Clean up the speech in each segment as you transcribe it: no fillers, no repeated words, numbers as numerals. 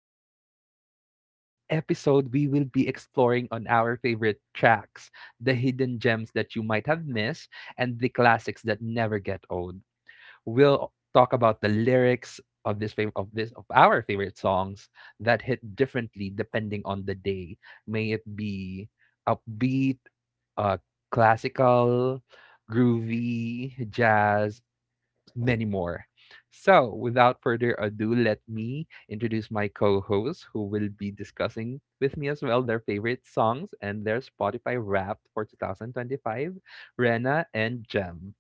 So for this episode, we will be exploring on our favorite tracks, the hidden gems that you might have missed, and the classics that never get old. We'll talk about the lyrics of this fav- of this of our favorite songs that hit differently depending on the day. May it be upbeat, uh, classical, groovy, jazz, many more. So, without further ado, let me introduce my co hosts who will be discussing with me as well their favorite songs and their Spotify wrapped for 2025, Rena and Jem.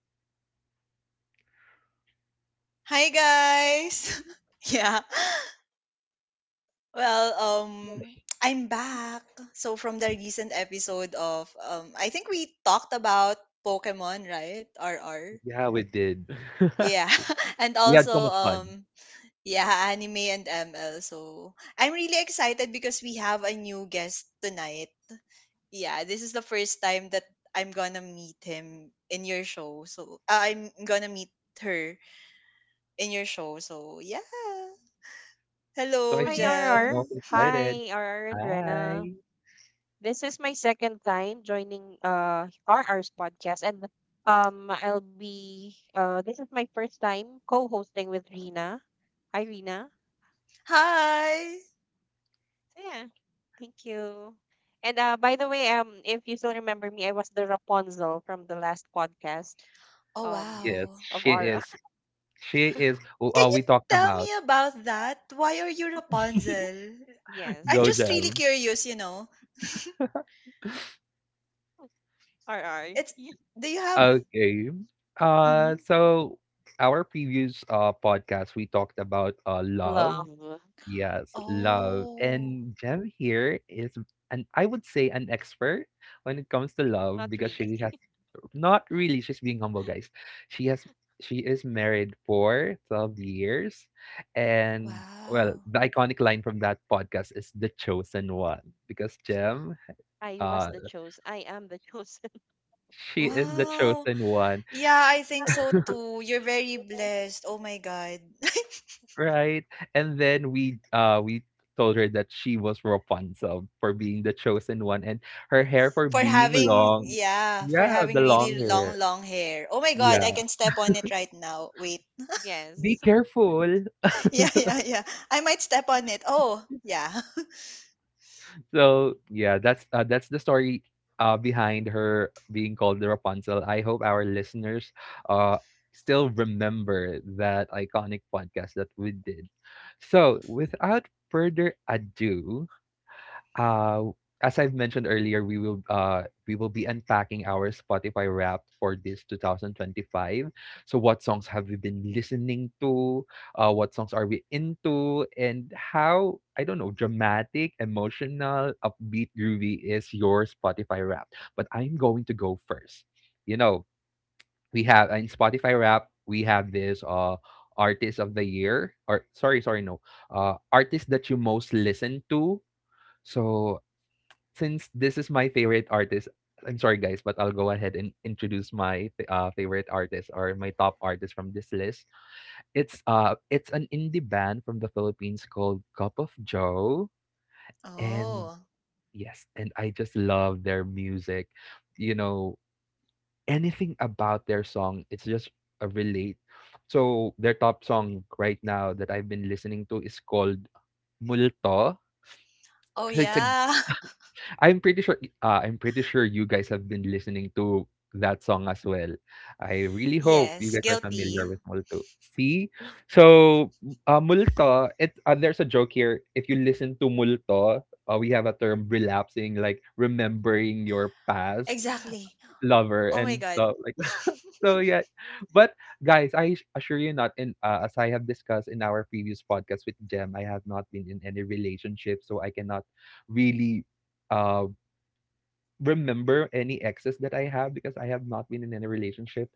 Hi guys. Yeah. Well, I'm back. So from the recent episode of I think we talked about Pokemon, right? RR. Yeah, we did. Yeah. And We had also so much fun. Yeah, anime and ML. So I'm really excited because we have a new guest tonight. Yeah, this is the first time that I'm gonna meet him in your show. So I'm gonna meet her in your show. So yeah. So, Hello, I Hi, think she's RR. Jem. also excited. Hi, RR and Rena. Hi. This is my second time joining RR's podcast, and I'll be this is my first time co-hosting with Rena. Hi, Rena. Hi! So, yeah, thank you. And by the way, if you still remember me, I was the Rapunzel from the last podcast Oh, um Yes, wow. of she RR. is. She is who Can all you we talked tell about. me about that? Why are you Rapunzel? I'm Go, Yes, just really Jem. curious. RR. It's Do you have Okay. hmm So our previous podcast we talked about love. Love. Yes, love. Oh, And Jem here is an I would say an expert when it comes to love Not because really. she has not really, she's being humble, guys. She has she is married for 12 years, and well, wow. the iconic line from that podcast is the chosen one because I was uh, the chose. I am the chosen. she is the Wow. chosen one. Yeah, I think so too. You're very blessed. Oh my God. Right. And then we told her that she was Rapunzel for being the chosen one, and her hair Yes. for For being having long. yeah, for Yeah, having the really long hair. long long hair. Oh my God, Yeah. I can step on it right now. Wait. Yes. Be careful. Yeah, yeah, yeah. I might step on it. Oh, yeah. So yeah, that's the story behind her being called the Rapunzel. I hope our listeners uh still remember that iconic podcast that we did. So without further ado, Uh, as I've mentioned earlier, we will be unpacking our Spotify Wrapped for this 2025. So what songs have we been listening to? What songs are we into? And how I don't know dramatic, emotional, upbeat, groovy is your Spotify Wrapped? But I'm going to go first. You know, we have in Spotify Wrapped we have this artist of the year, or sorry, no, artist that you most listen to. So since this is my favorite artist, I'm sorry guys, but I'll go ahead and introduce my favorite artist or my top artist from this list. It's an indie band from the Philippines called Cup of Joe, and Oh. yes, and I just love their music. You know, anything about their song, it's just a relate. So their top song right now that I've been listening to is called Multo. Oh So it's a yeah. I'm pretty sure you guys have been listening to that song as well. I really hope you Yes, guys are familiar guilty. with Multo. See? So, Multo, there's a joke here. If you listen to Multo, we have a term relapsing, like remembering your past Exactly. lover Oh my and god. stuff like that. So, yeah. But, guys, assure you not, as I have discussed in our previous podcast with Jem, I have not been in any relationship, so I cannot really. Uh, Remember any exes that I have because I have not been in any relationship.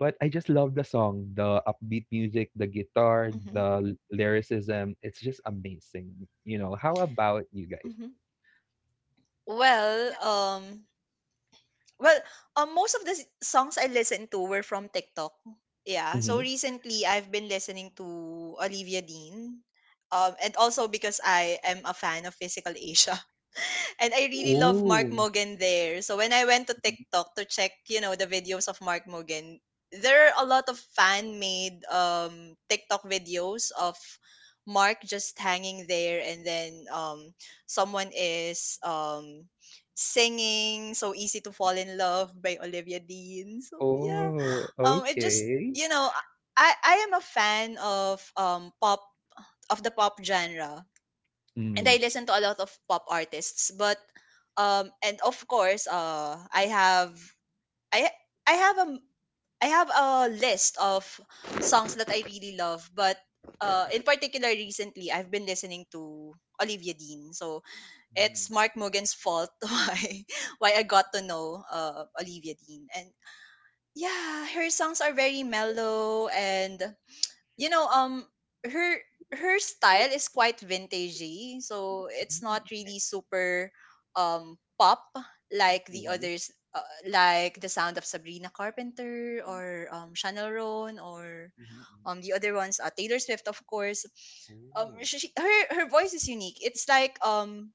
But I just love the song, the upbeat music, the guitar, hmm the lyricism. It's just amazing. You know, how about you guys? hmm Well, well, most of the songs I listened to were from TikTok. Yeah. So Mm-hmm. recently, I've been listening to Olivia Dean, and also because I am a fan of Physical Asia. And I really love Mark Oh, Mogan there. So when I went to TikTok to check, the videos of Mark Mogan, there are a lot of fan made TikTok videos of Mark just hanging there, and then someone is singing So Easy to Fall in Love by Olivia Dean. So yeah. oh, It just, okay. I am a fan of pop, of the pop genre, and I Mm. listen to a lot of pop artists. But and of course, I I have a I have a list of songs that I really love. But in particular, recently I've been listening to Olivia Dean. So it's Mm. Mark Morgan's fault why I got to know, Olivia Dean. And yeah, her songs are very mellow, and you know um her her style is quite vintagey, so it's not really super pop, like the Mm-hmm. others, like the sound of Sabrina Carpenter, or Chanel Roan, or the other ones, Taylor Swift, of course. Ooh, Her voice is unique, it's like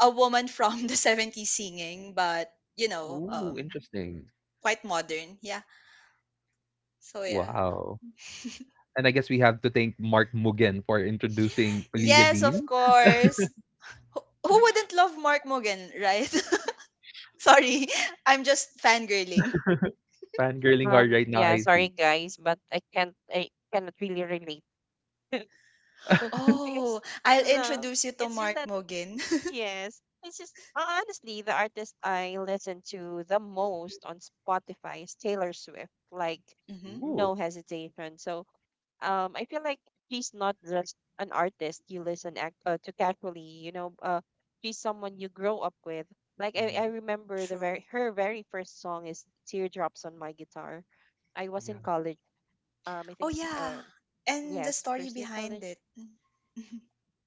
a woman from the 70s singing, but ooh, interesting. quite modern, yeah. So yeah. Wow. And I guess we have to thank Mark Mugen for introducing Olivia Yes, Dean. of course. who who wouldn't love Mark Mogan, right? Sorry, I'm just fangirling. Fangirling hard right now, Yeah, I sorry see. guys, but I cannot really relate. Oh, Because I'll the introduce you to it's just Mark that, Mogan. yes, it's just honestly the artist I listen to the most on Spotify is Taylor Swift, like hmm Ooh. no hesitation. So I feel like she's not just an artist you listen act to casually, she's someone you grow up with. Like I Mhm. remember the True. very her very first song is Teardrops on My Guitar. I was in Yeah. college. I Oh, think, yeah. And the yes, story first year behind college. it. Mhm.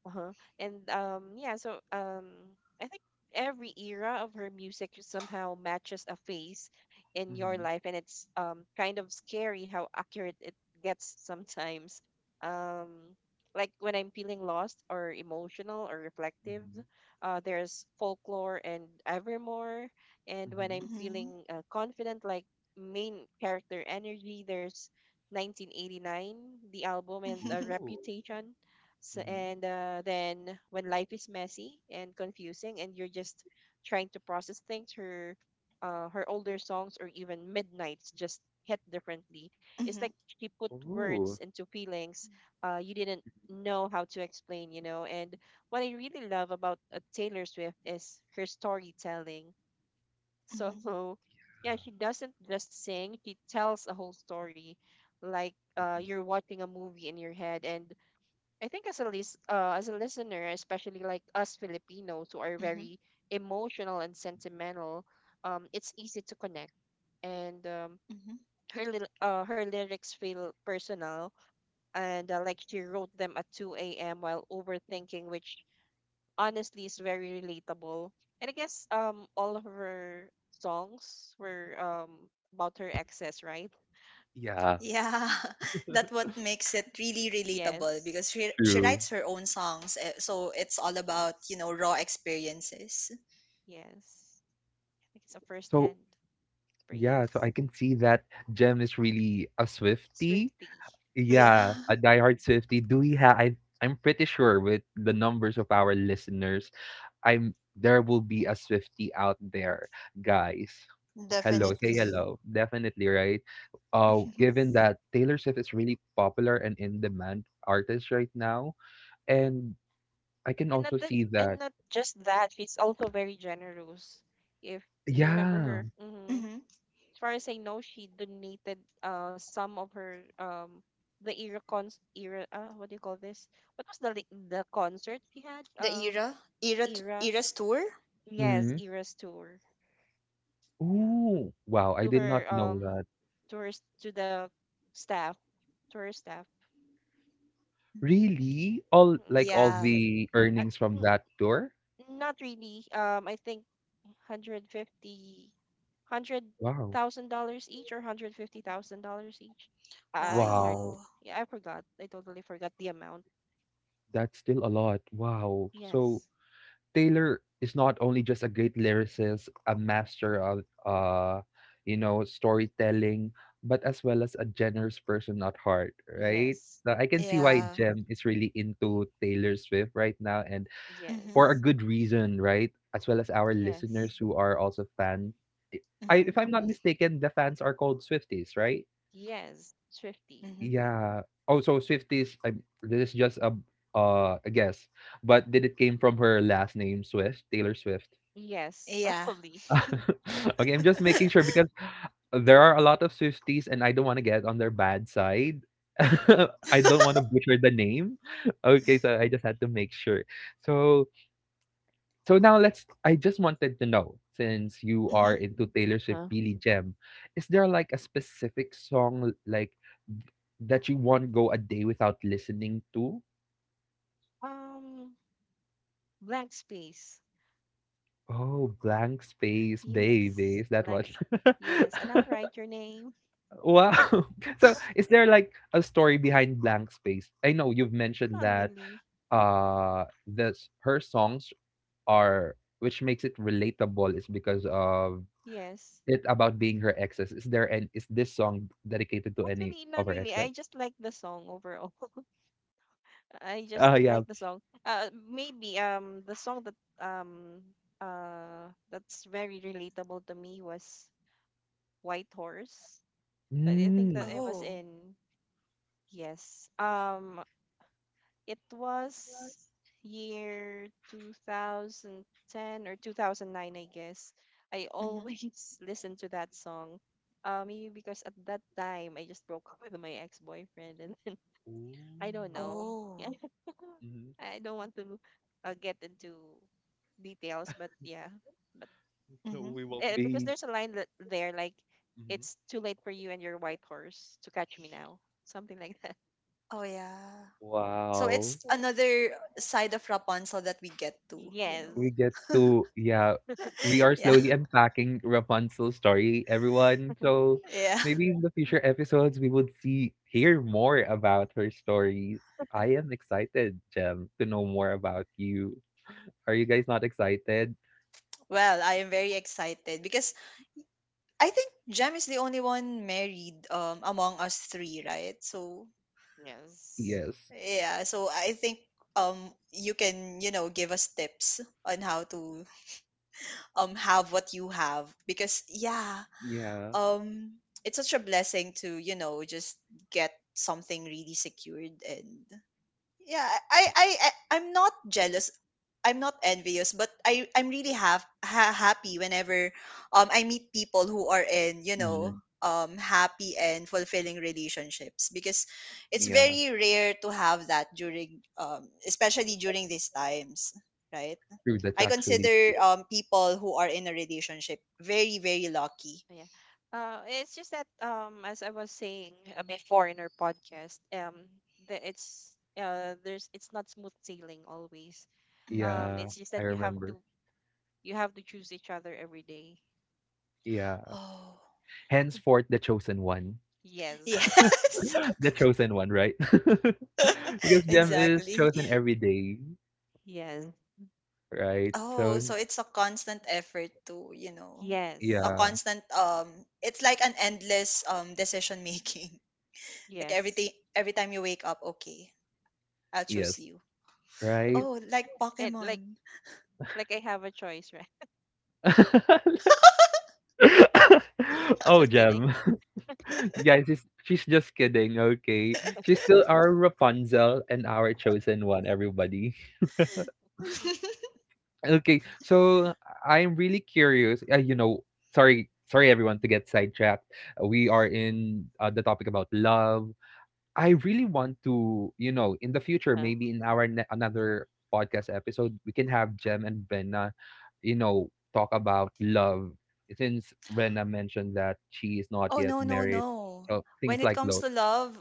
Uh-huh. And yeah, so I think every era of her music somehow matches a phase in your Mhm. life, and it's kind of scary how accurate it gets sometimes. Um like when I'm feeling lost or emotional or reflective, Mhm. There's folklore and evermore. And when Mhm. I'm Mhm. feeling confident, like main character energy, there's 1989, the album, and the Mhm. Ooh. reputation. So, Mhm. and then when life is messy and confusing, and you're just trying to process things, her older songs or even midnights just hit differently. It's like Mhm. she put words Ooh. into feelings you didn't know how to explain, you know. And what I really love about Taylor Swift is her storytelling. Mhm. So, yeah, Yeah. she doesn't just sing; she tells a whole story, like Mhm. you're watching a movie in your head. And I think as a as a listener, especially like us Filipinos who are Mhm. very emotional and sentimental, it's easy to connect. And Mhm. Her lyrics feel personal, and like she wrote them at 2 a.m. while overthinking, which honestly is very relatable. And I guess all of her songs were about her exes, right? Yeah, Yeah, that what makes it really relatable, Yes, because she true. writes her own songs, eh, so it's all about, yes, raw experiences. yes. I think it's a first So, hand yeah, so I experience. can see that Jem is really a Swiftie. Swiftly. Yeah, Yeah, a diehard Swiftie. Do we have I I'm pretty sure with the numbers of our listeners, I'm there will be a Swifty out there, guys. Hello, say definitely. hello. Definitely, right? Given Yes. that Taylor Swift is really popular and in demand artist right now, and I can And also not the see and that. not just that, she's also very generous. If you remember Yeah. her, hmm as far as I know, she donated some of her the era cons era what do you call this? What was the concert she had? The Era era's tour. Yes, Mm. era's tour, yeah, Ooh, wow! I to did not her know um that. to her s- to the staff to her staff. hmm Really? All Mm. like all Yeah. the I- earnings from think that tour? not really. I think 150, hundred Wow. thousand dollars each, or $150,000 each, I heard. Wow. Wow. Yeah, I forgot. I totally forgot the amount. That's still a lot. Wow. So Yes. Taylor is not only just a great lyricist, a master of Hmm. You know, storytelling, but as well as a generous person at heart, right? Yes. So I can see why Yeah. Jem is really into Taylor Swift right now, and Mm-hmm. for a Yes. good reason, right? As well as our Yes. listeners who are also fan. I, Mm-hmm. if I'm not mistaken, the fans are called Swifties, right? Yes. Swifty. Mm-hmm. Yeah. Oh, so Swifties, I, this is just a guess. But did it came from her last name Swift, Taylor Swift? Yes, Yeah. probably. Okay, I'm just making sure because there are a lot of Swifties and I don't wanna get on their bad side. I don't wanna butcher the name. Okay, so I just had to make sure. So so now let's I just wanted to know, since you are Mm-hmm. into Taylor Swift, Huh? Billy Gem, is there like a specific song like that you won't go a day without listening to? Um, Blank Space. Oh, Blank Space Baby, Yes. is that one? Blanks. Yes. And I'll write your name. Wow. So is there like a story behind Blank Space? I know you've mentioned Not that really. This her songs are which makes it relatable is because of Yes. it about being her exes. Is there an Is this song dedicated to any Actually, not of her really. I exes? just like the song overall. I just Oh yeah. like the song. Maybe the song um that's very relatable to me was White Horse. That I think that Mm. it was Oh. in, yes. It was year 2010 or 2009, I guess. I Mm-hmm. always listen to that song. Maybe because at that time I just broke up with my ex-boyfriend and I don't Ooh. know. Oh. Mhm. I don't want to get into details, but yeah, but So Mm-hmm. we will because be there's a line that there, like, Mhm. it's too late for you and your white horse to catch me now, something like that. Oh yeah. So Wow. it's another side of Rapunzel that we get to. We Yes. get to, yeah, we are Yeah. slowly unpacking Rapunzel's story, everyone. So Yeah. maybe in the future episodes we would see, hear more about her stories. I am excited, Jem, to know more hmm about you. Are you guys not excited? Well, I am very excited, because I think Jem is the only one married among us three, right? So Yes. Yes, yeah, so I think um you can, give us tips on how to have what you have, because yeah, yeah. um it's such a blessing to, just get something really secured, and yeah, I'm not jealous, I'm not envious, but I'm really happy whenever I meet people who are in, Mm, happy and fulfilling relationships, because it's yeah, very rare to have that during, especially during these times, right? true, that's I actually Yes. consider people who are in a relationship very, very lucky. Yeah. It's just that, as I was saying before in our podcast, the, it's there's it's not smooth sailing always. hmm yeah. It's just I that you have remember, to you have to choose each other every day. yeah, Oh henceforth the chosen one. Yes. yes, The chosen one, right? Because Jem is Yes. exactly. chosen every day, Yes. right? Oh, So so it's a constant effort to, a Yes. yeah. constant it's like an endless, decision making. Like, Yes. Every time you wake up, okay, I'll choose Yes. you. Right? Oh, like And, like Pokemon. like I have a choice, right? Oh, Just kidding. Gem. Guys, she's just kidding, okay? She's still our Rapunzel and our chosen one, everybody. Okay, so I'm really curious. You know, sorry, everyone, to get sidetracked. We are in the topic about love. I really want to, you know, in the future, Uh, maybe in our another podcast episode, we can have Jem and Benna, you know, talk about love. Since Rena mentioned that she is not Oh yet no, no, married, no. so things When it like comes love. to love,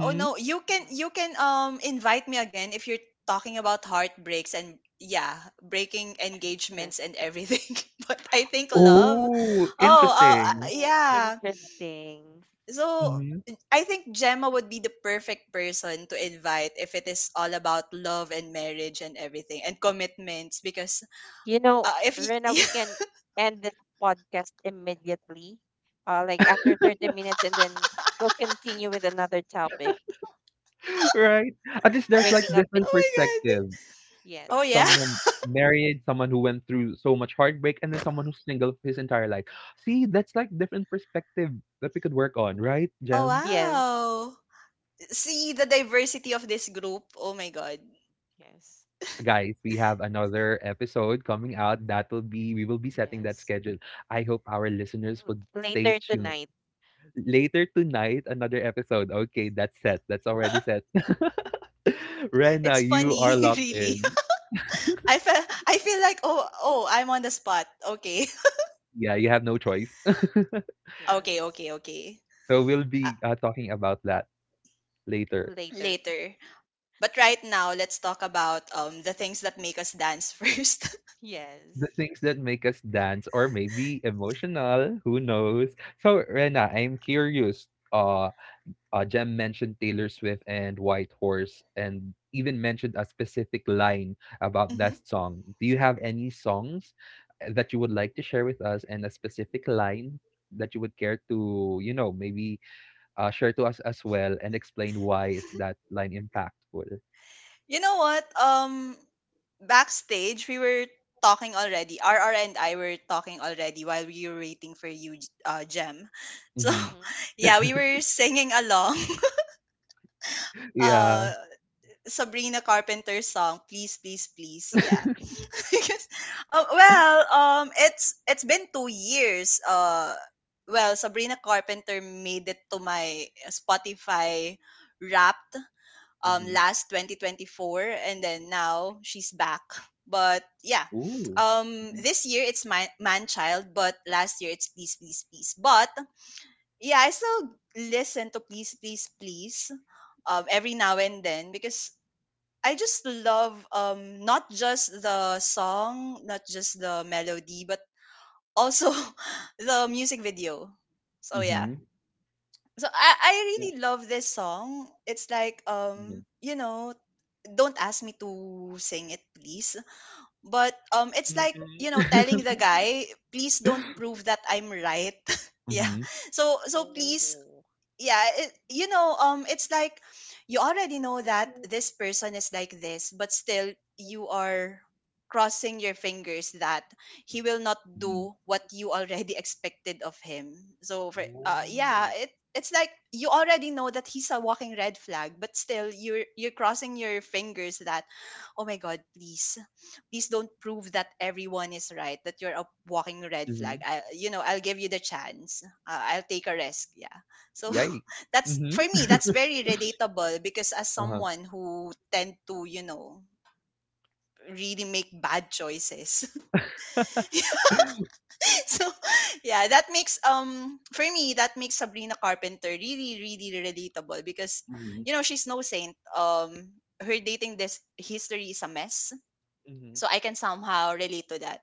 oh no, you can, invite me again if you're talking about heartbreaks and, yeah, breaking mhm. engagements and everything. But I think love... Oh, Oh, interesting. Ooh, yeah. interesting. So Mm-hmm. I think Gemma would be the perfect person to invite if it is all about love and marriage and everything and commitments, because You know, if you... Rena, we can end this podcast immediately. Like after 30 minutes, and then we'll continue with another topic. Right. At least there's like Breaking up Oh different in my perspective. god. Oh yes. yeah. Someone married, someone who went through so much heartbreak, and then someone who's single his entire life. See, that's like different perspective that we could work on, right, Oh Jem? Yes. wow. See the diversity of this group. Oh my god. Yes. Guys, we have another episode coming out. That will be We will be setting that Yes. schedule. I hope our listeners would stay Later tuned. tonight. Later tonight, another episode. Okay, that's set. That's already set. Rena, It's you are funny, locked really. in. I feel like, oh, I'm on the spot. Okay. Yeah, you have no choice. Okay, Yes. okay, okay. So we'll Uh, be talking about that later. Later. Later. But right now, let's talk about the things that make us dance first. The Yes. things that make us dance, or maybe emotional, who knows? So Rena, I'm curious. Uh Jem mentioned Taylor Swift and White Horse, and even mentioned a specific line about hmm that song. Do you have any songs that you would like to share with us, and a specific line that you would care to, you know, maybe share to us as well, and explain why is that line impactful? You know what? Backstage we were talking already. RR and I were talking already while we were waiting for you, Gem. So Hmm. Mm-hmm. yeah, we were singing along. Yeah. Uh, Sabrina Carpenter's song, please, please, please. Yeah. Because, it's been 2 years. Well, Sabrina Carpenter made it to my Spotify Wrapped, Hmm. last 2024, and then now she's back, but yeah, Ooh. This year it's my man child, but last year it's please please please. But yeah, I still listen to please please please, every now and then, because I just love, not just the song, not just the melody, but also the music video. So yeah. Mm-hmm. So I really love this song. It's like, Mm-hmm. Don't ask me to sing it, please. But it's Hmm, like, you know, telling hmm. the guy, please don't prove that I'm right. Yeah. Mm-hmm. So, please, Oh, yeah. It's like, you already know that this person is like this, but still you are crossing your fingers that he will not do what you already expected of him. So for, Ooh. It's like, you already know that he's a walking red flag, but still you're crossing your fingers that, oh my god, please, please don't prove that everyone is right, that you're a walking red flag. Hmm. I You know, I'll give you the chance, I'll take a risk, yeah. So Yikes. that's Mm-hmm. for me that's very relatable, because as someone who tend to, really make bad choices. So yeah, that makes, for me that makes Sabrina Carpenter really, really relatable, because Mhm. you know, she's no saint. Her dating this history is a mess, Mhm. so I can somehow relate to that,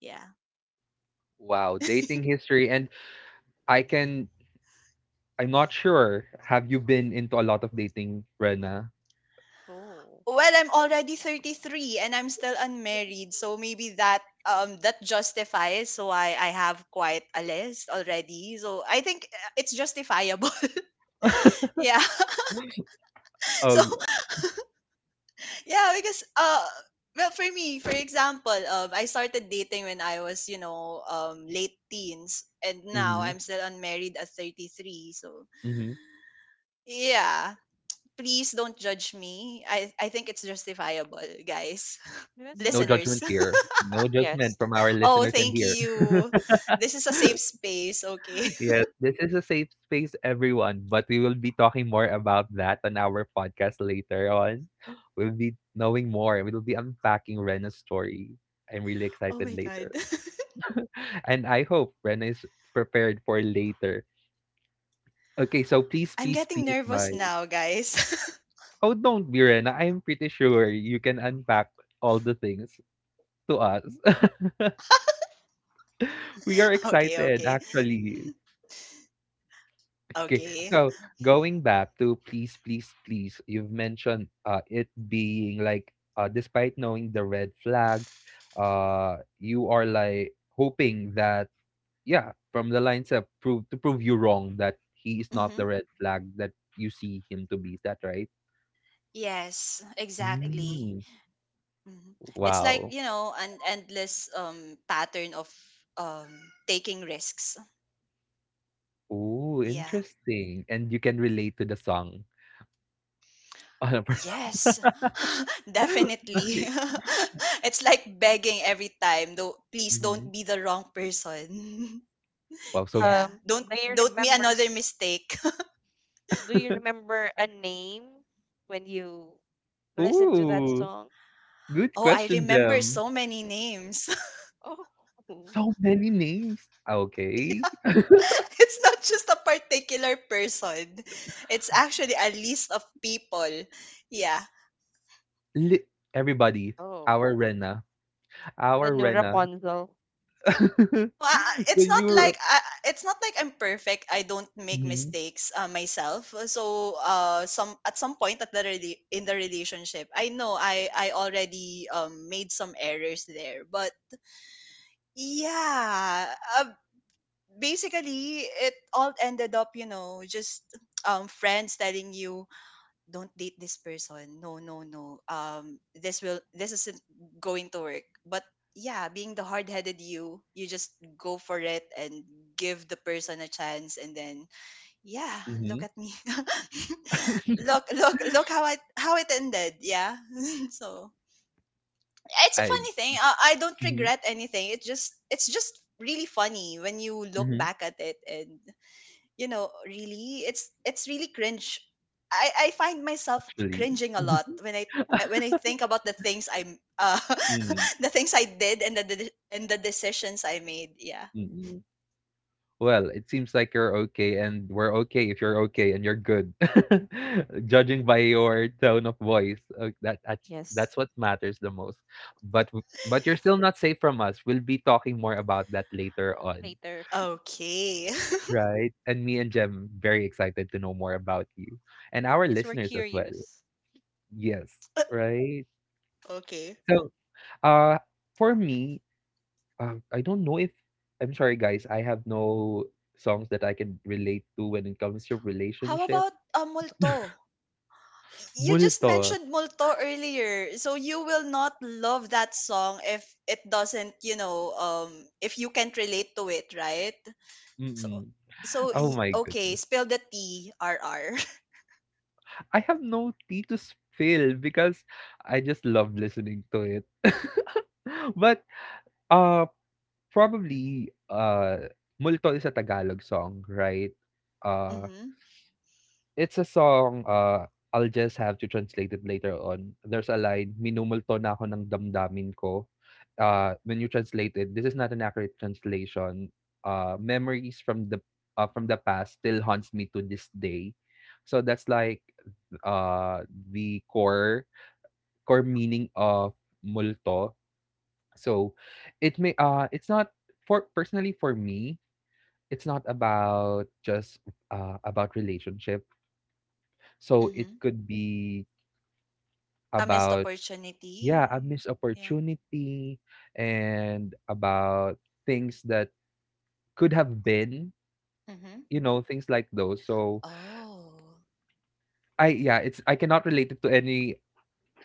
yeah. Wow, dating history. And I can, I'm not sure. Have you been into a lot of dating, Rena? oh, Well, I'm already 33 and I'm still unmarried, so maybe that justifies. So I have quite a list already, so I think, it's justifiable. Yeah. So Oh, yeah, because, for me, for example, I started dating when I was, late teens, and now mm-hmm, I'm still unmarried at 33. So mm-hmm. yeah, please don't judge me. I think it's justifiable, guys. that's all No right. Listeners. judgment here. No judgment Yes. from our Oh, listeners and thank here. you. This is a safe space, okay? Yes, this is a safe space, everyone. But we will be talking more about that on our podcast later on. We'll be knowing more. We'll be unpacking Rena's story. I'm really Oh excited my god. later. And I hope Rena is prepared for later. Okay, so please, I'm please, getting please, nervous my now, guys. Oh, don't be, Rena. I'm pretty sure you can unpack all the things to us. We are Okay, excited, okay. actually. Okay, Okay. so going back to please, please, please, you've mentioned it being like, despite knowing the red flags, you are like hoping that, yeah, from the lines up, prove you wrong that he is not hmm the red flag that you see him to be. Is that right? Yes, Exactly. exactly. Mm, hmm It's like, wow. you know, an endless, pattern of, um taking risks. Ooh, Yeah. interesting, and you can relate to the song on a per Yes. Definitely. Okay. It's like begging every time. Though please don't Mhm. be the wrong person. Wow, so Yeah. Um, Don't do you don't me remember? another mistake. Do you remember a name when you listen to that ooh, song? good Oh, I question, remember Jem. so many names. Oh, So many names. Okay. Yeah. It's not just a particular person, it's actually a list of people. Yeah. Li everybody, oh, our Rena, the our new Rena. Rapunzel. No, I, I- it's When not you like were I, it's not like I'm perfect. I don't make mhm, mistakes, myself. So, some at some point at the, in the relationship, I know I already, made some errors there. But yeah, basically it all ended up, you know, just, friends telling you, don't date this person, no, no, no, this will, this isn't going to work. But yeah, being the hard-headed, you just go for it, and give the person a chance, and then yeah, look mhm. at me. Look, look, look how I how it ended, yeah. So it's a I funny thing. I don't mhm, regret anything. It's just really funny when you look mhm, back at it, and you know, really, it's really cringe. I find myself actually. cringing a lot when I think about the things I'm Mhm, the things I did, and the, and the decisions I made, yeah. mm, mm. Well, it seems like you're okay, and we're okay if you're okay and you're good. Judging by your tone of voice, that's Yes. what matters the most. But but you're still not safe from us. We'll be talking more about that later on, Later. Okay. right? And me and Jem very excited to know more about you and our Yes, we're listeners as well. curious. Yes, right. Okay. So, uh, for me, I don't know if I'm sorry, guys. I have no songs that I can relate to when it comes to How relationship about, multo? You just Multo, mentioned multo earlier, so you will not love that song if it doesn't, if you can't relate to it, right? So, mm. Oh my okay, goodness. spill the tea, RR. I have no tea to spill because I just love listening to it. But, uh, probably, multo is a Tagalog song, right? Uh, Mm-hmm. It's a song, I'll just have to translate it later on. There's a line, "Minumulto na ako ng damdamin ko." When you translate it, this is not an accurate translation. Memories from the past still haunts me to this day. So that's like the core meaning of multo. So it may it's not for personally for me, it's not about just about relationship. So it Mm-hmm. could be A missed about yeah, opportunity. a missed Yeah. opportunity and about things that could have been, Mm-hmm. you know, things like those. So Oh. I yeah, it's I cannot relate it to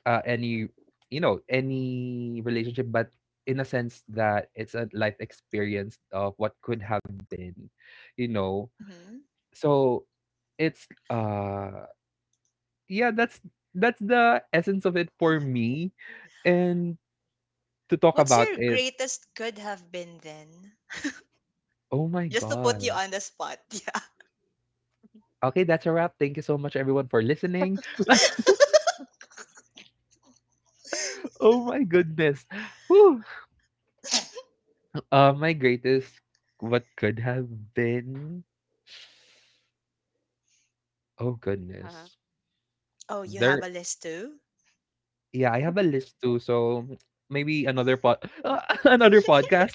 any you know, any relationship, but in a sense that it's a life experience of what could have been, you know. Mm-hmm. So it's yeah, that's the essence of it for me. And to talk What's about your it, greatest could have been then? oh my Just to put you god. on the spot. Yeah. Okay, that's a wrap. Thank you so much everyone for listening. Oh my goodness. Whew. My greatest what could have been. Oh Uh-huh. goodness. Oh, you have There a list too? yeah, I have a list too, so maybe another pod another podcast.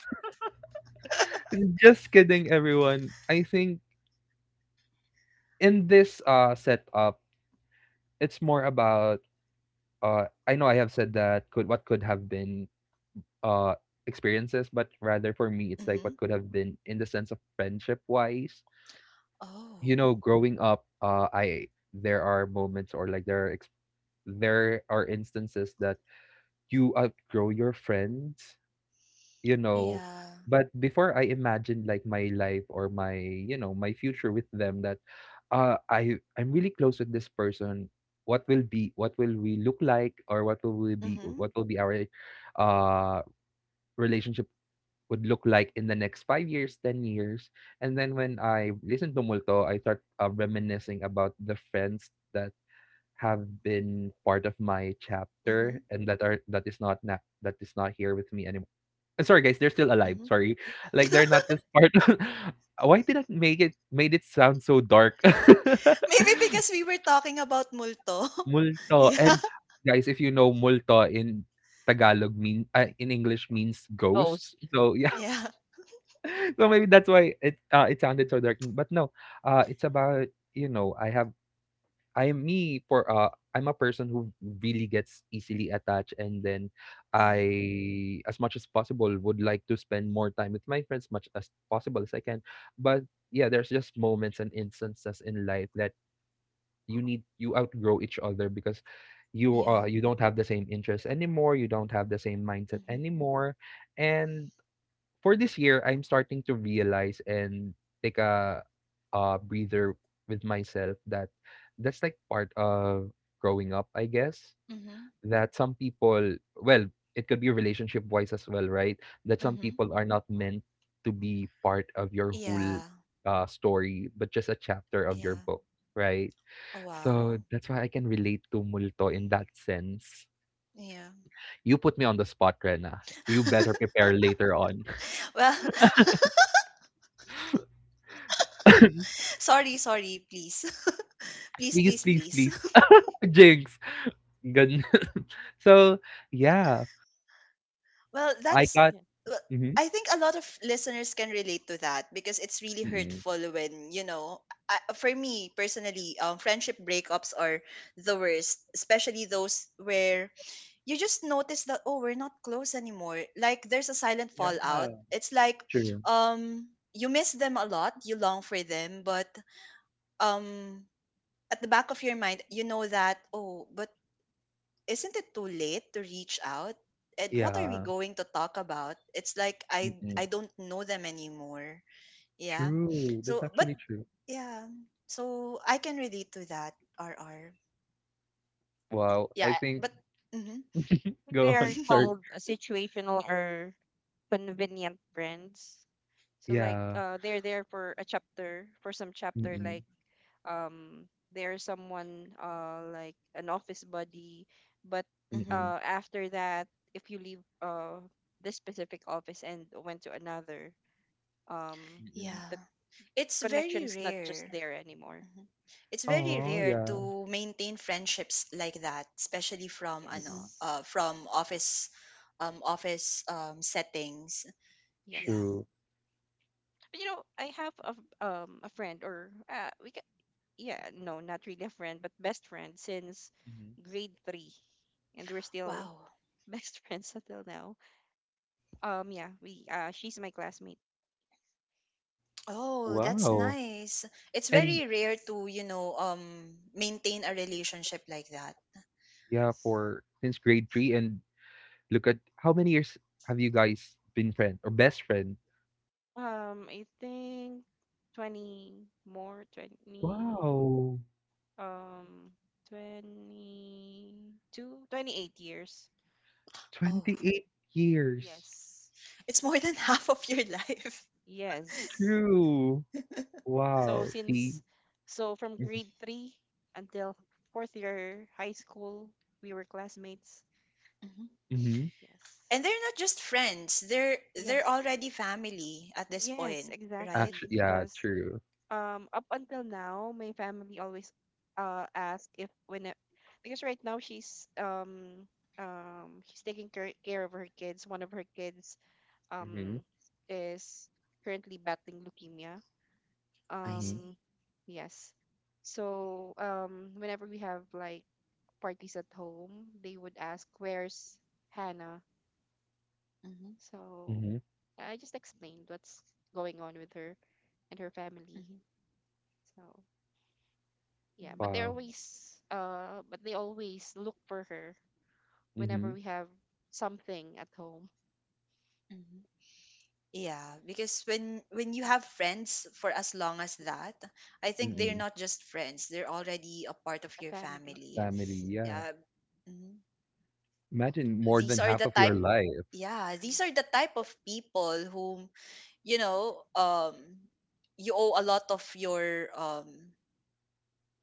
Just kidding everyone. I think in this setup, it's more about I know I have said that could what could have been uh experiences but rather for me it's like Mm-hmm. what could have been in the sense of friendship wise you Oh. know growing up I there are moments or like there are there are instances that you outgrow your friends you know Yeah. but before I imagined like my life or my you know my future with them that i'm really close with this person what will be what will we look like or what will we be Mm-hmm. what will be our uh relationship would look like in the next 5 years, 10 years. And then when I listen to Multo, I start reminiscing about the friends that have been part of my Mm-hmm. chapter and that are that is not that is not here with me anymore. And sorry guys, they're still alive. Sorry, like they're not just part. Of... Why did I make it made it sound so dark? Maybe because we were talking about multo. Multo Yeah. and Yes. guys, if you know Multo in Tagalog mean in English means ghosts. Ghost. So yeah. Yeah. so maybe that's why it it sounded so dark but no it's about you know I have I'm me for I'm a person who really gets easily attached and then Yeah. I as much as possible would like to spend more time with my friends much as possible as I can but yeah there's just moments and instances in life that you need you outgrow each other because you Yeah. you don't have the same interests anymore you don't have the same mindset Mhm. anymore and for this year, I'm starting to realize and take a breather with myself that that's like part of growing up, I guess. Mhm. That some people, well, it could be relationship wise as well, right? That some Mhm. people are not meant to be part of your whole Yeah. Story, but just a chapter of your Yeah. book, right? Oh, wow. So that's why I can relate to Multo in that sense. Yeah. You put me on the spot, Rena. You better prepare later on. well, please. Please, please, please, please, please. please. Jinx, Good. Mm, So, yeah, Well, I that's got yeah. I well, mhm, I think a lot of listeners can relate to that because it's really Mm. hurtful when, you know, for me personally, friendship breakups are the worst, especially those where you just notice that oh, we're not close anymore, like there's a silent yeah, fallout. It's like true. um you miss them a lot, you long for them, but um at the back of your mind you know that oh, but isn't it too late to reach out and what are we Yeah, going to talk about? It's like i Mm. i don't know them anymore. Yeah, true, that's so but actually true. yeah, so I can relate to that. Rr, Wow, yeah, I think but mm-hmm. think go they are on, sorry. called, situational or convenient friends. So, like, Yeah. They're there for a chapter, for some chapter, Mm, like, um there's someone, like an office buddy, but mm, after that, if you leave, this specific office and went to another, um mm. Yeah. the It's very connection's not just rare. there anymore. Mhm. It's very Aw, rare yeah. to maintain friendships like that, especially from Mm. Yes, from office office settings. Yeah. yes. True. You know, I have a friend, or we can yeah, no, not really a friend, but best friend since Mhm. grade 3, and we're still Wow. best friends until now. Yeah, we she's my classmate. Oh, that's Mm-hmm. Wow, nice. It's and very rare Yes. to, you know, maintain a relationship like that. yeah, Yes. for since grade 3 and look at how many years have you guys been friend or best friend? I think 20 more, 20, Wow, um, 22, 28 years. Oh, 28 years. Yes. it's more than half of your life. Yes. True. So Wow, see? since, so from grade 3 until fourth year high school, we were classmates. Mhm. Mm-hmm. Yes. And they're not just friends. They're Yes. already family at this Yes, point, right? Actually, exactly. yeah, Because true. Up until now my family always ask, if when I- because right now she's, she's taking care of her kids one of her kids Mm-hmm. um is currently battling leukemia, I Mm-hmm. see. um yes. So whenever we have, like, parties at home, they would ask where's Hannah. So Mm-hmm. I just explained what's going on with her and her family. Mhm. So, yeah, but they Mm. Wow. always uh but they always look for her whenever Mm-hmm. we have something at home. Mhm. Yeah, because when you have friends for as long as that, I think Mhm. they're Mm-mm. not just friends; they're already a part of A your family, family. Family, yes. yeah. Yeah, mhm. Imagine more So, These than are half the of your type. life. Yeah, these mhm. are the type of people whom you know. You owe a lot of your.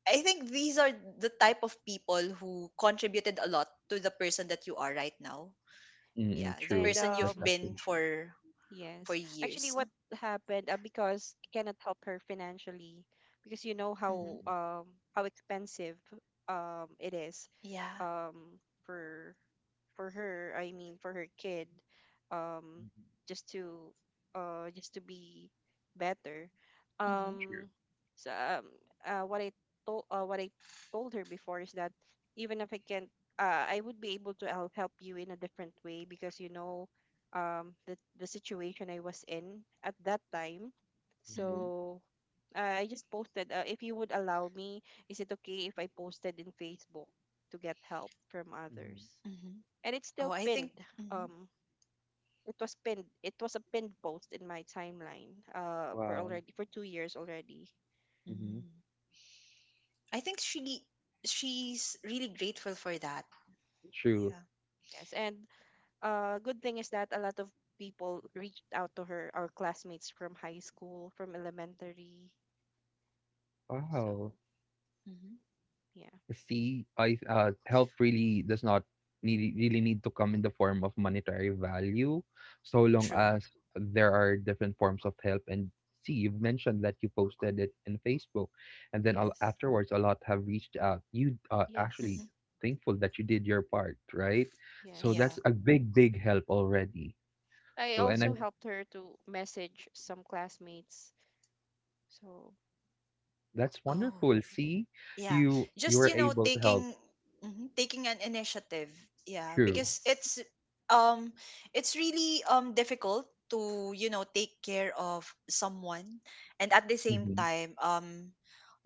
I think these are the type of people who contributed a lot to the person that you are right now. Mm-mm. Yeah, the True. And person you've That's been actually true. For yes, actually, years. what happened, because I cannot help her financially, because you know Mm-hmm. how, how expensive, it is, Yeah. um for for her, I mean, for her kid, um just to, just to be better. Mhm. True. um so uh what i what I told her before is that, even if I can't, I would be able to help you in a different way, because, the situation I was in at that time. Mm-hmm. Mhm. So, I just posted, if you would allow me, is it okay if I posted in Facebook to get help from Mm-hmm. others? Mhm. And it's Oh, still I think pinned. mhm. Um, it was pinned. It was a pinned post in my timeline. For Wow. already for 2 years already. Mm-hmm. Mm. I think she's really grateful for that. True. Yeah. Yes, and good thing is that a lot of people reached out to her, our classmates from high school, from elementary. So Wow. Mhm. yeah, see I help really does not need, really need to come in the form of monetary value so long True. as there are different forms of help and see you've mentioned that you posted it in facebook and then yes, afterwards a lot have reached out you actually yes, Mhm. thankful that you did your part right so Yeah. that's yes. a big big help already I so and I Mhm. also helped her to message some classmates. So, that's Oh. wonderful mhm, see Yeah, you just were you know, able to help taking mhm, taking an initiative. Yeah, true because yes, um it's really difficult to, you know, take care of someone and at the same hmm time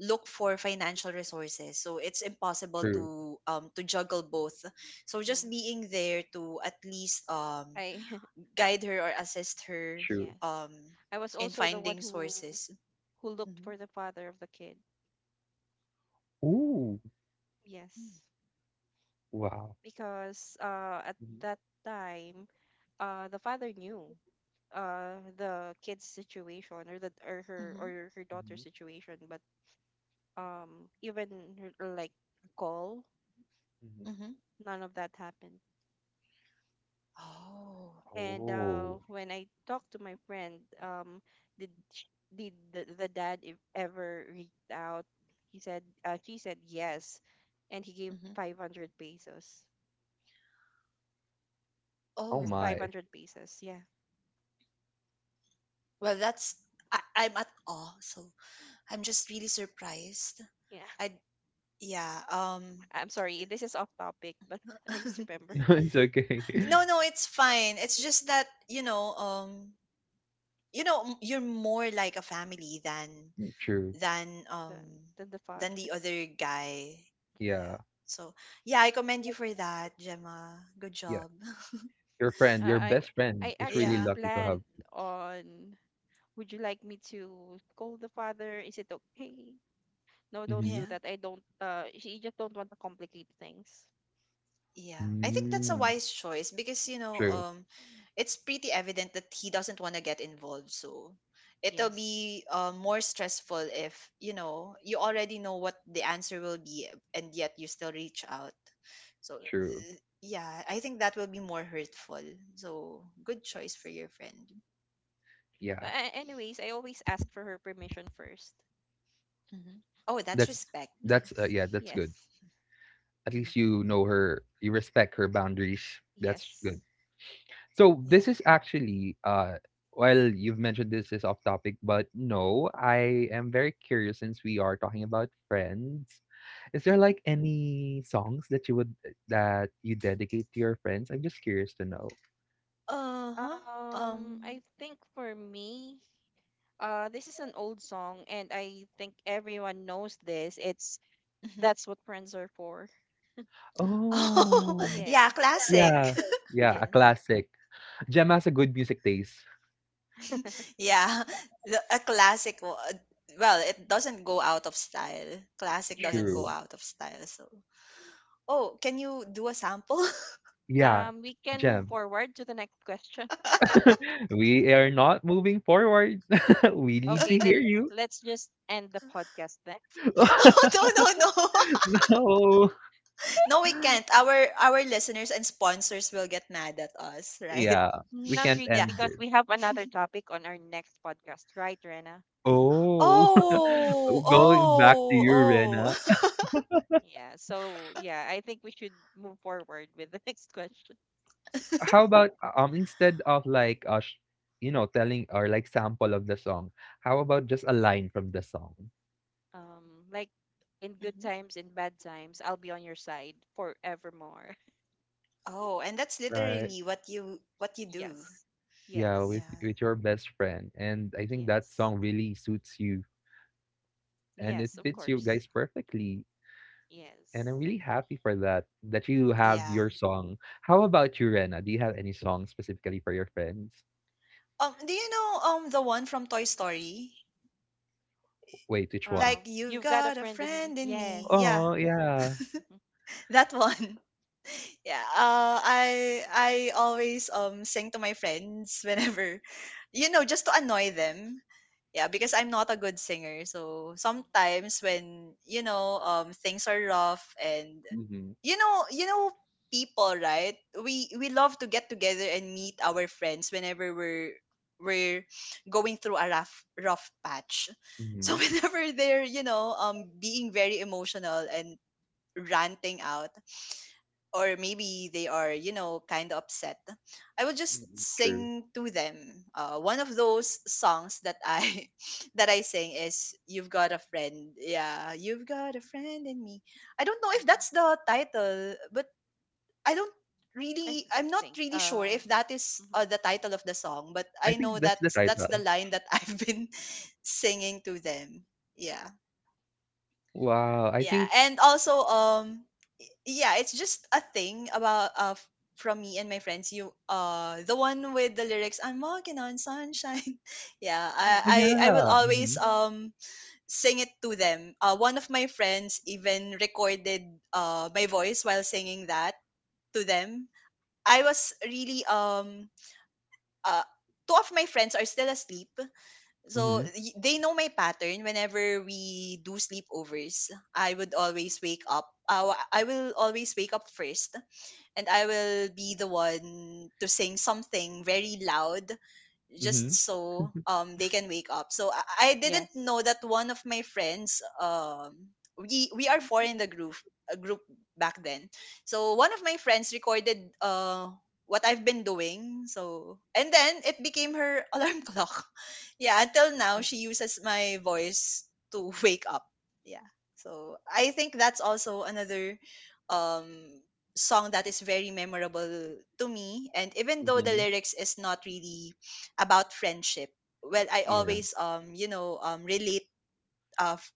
look for financial resources. So it's impossible true to juggle both. So just hmm being there to at least I guide her or assist her true yes. um I was in also the one finding who sources. who looked Mm-hmm. for the father of the kid. Ooh, Mm-hmm. Yes, wow. because, at that Mm-hmm. time, the father knew, the kid's situation, or the Mm-hmm. or her daughter's hmm situation, but, even like a call, hmm Mm-hmm. none of that happened. Oh. And Oh, when I talked to my friend, did sh- did the dad ever reached out? She said yes, and he gave Mm-hmm. 500 pesos. oh Oh, Just my. 500 pesos. Yeah. well, that's I, I'm at awe. So I'm just really surprised. Yeah. I yeah. I'm sorry. This is off topic, but I just remember It's okay. no, no, it's fine. It's just that, you know, you're more like a family True. than the um the father. than the other guy. Yeah, Yeah. so yeah, I commend you for that, Gemma. Good Yeah. job. Your friend, your I best friend I is really actually yeah, lucky to planned have. on, would you like me to call the father? Is it okay? No, don't Mm-hmm. do yeah. that. I don't she just don't want to complicate things. Yeah, I think that's a Mm. wise choice because, you know, True. It's pretty evident that he doesn't want to get involved. So it'll Yes. be more stressful if you know you already know what the answer will be, and yet you still reach out. So True. Yes. Yeah, I think that will be more hurtful. So good choice for Yes. your friend. Yeah. Anyways, I always ask for her permission first. Hmm. Oh, that's That's respect. that's Yes. yeah, that's good. Yes. At Hmm. least you know her, you respect her boundaries. That's good. Yes. So this Yeah. is actually well you've mentioned this is off topic but no I am very curious since we are talking about friends is there Hmm. like any songs that you would eh, that you dedicate to your friends I'm just curious to know Uh huh. I Um. think for me, this is an old song, and I think everyone knows this. It's That's What Friends Are For. Oh, oh yeah, Yes. yeah classic. yeah a Yes. classic Gem has a good music taste Yeah, a classic. Well, it doesn't go out of style. Classic doesn't go true Yes. out of style. So, oh, can you do a sample? yeah We can move Gem forward to the next question. we are not moving forward we need Okay, to hear then you let's just end the podcast then. Oh, no, no, no, no no, we can't. Our listeners and sponsors will get mad at us, right? Yeah, we Not can't really, Yeah. end because this. we have another topic on our next podcast, right, Rena? Oh. Oh Going back to oh you, Rena, oh. Yeah, so yeah, I think we should move forward with the next question. how about, instead of like, you know, telling or like sample of the song, how about just a line from the song, Like, in good Mhm. times, in bad times, I'll be on your side forevermore. Oh, and that's right? literally what you do. Yes. Yeah, Yes. with Yeah. Your best friend, and I think that Yes. song really suits you and it Yes, of Mhm. fits you course. guys perfectly. And Yes. I'm really happy for that that you have Yeah. your song. How about you, Rena? Do you have any song specifically for your friends? Do you know the one from Toy Story? Wait, which one? Like, you've You've got a got a friend in me. friend in me. Yes. Yeah, Oh yeah. Mhm, that one. Yeah. I always sing to my friends whenever, you know, just to annoy them. Yeah, because I'm not a good singer. So mhm, sometimes when you know things are rough and you know, you know people, right? We love to get together and meet our friends whenever we're going through a rough patch. So Mhm. mhm, whenever they're, you know, being very emotional and ranting out, or maybe they are, you know, kind of upset, I would just mhm, Mm, true. sing to them. One of those songs that I that I sing is you've got a friend, yeah, you've got a friend in me. I don't know if mhm. that's the title, but I don't I really, th- I'm not think. really sure if that is Mhm. The title of the song, but I I know think that that's the that's the title. line that I've been singing to them. Yeah. Wow, I Yeah. think And also yeah, it's just a thing about from me and my friends. You Uh, the one with the lyrics I'm walking on sunshine. Yeah, oh, Yes. I will yeah. always Mhm. Sing it to them. Uh, one of my friends even recorded my voice while singing that to them. I was really uh two of my friends are still asleep. So Mhm. They know my pattern whenever we do sleepovers. I would always wake up. I will always wake up first and I will be the one to sing something very loud just Mhm. so they can wake up. So I didn't Yes. know that one of my friends, um, we are four in the group, a group back then. So one of my friends recorded what I've been doing. So and then it became her alarm clock. Yeah, until Mhm, now she uses my voice to wake up. Yeah. So I think that's also another um song that is very memorable to me, and even though the Mhm. lyrics is not really about friendship, well, I Yeah. always, um, you know, relate uh f-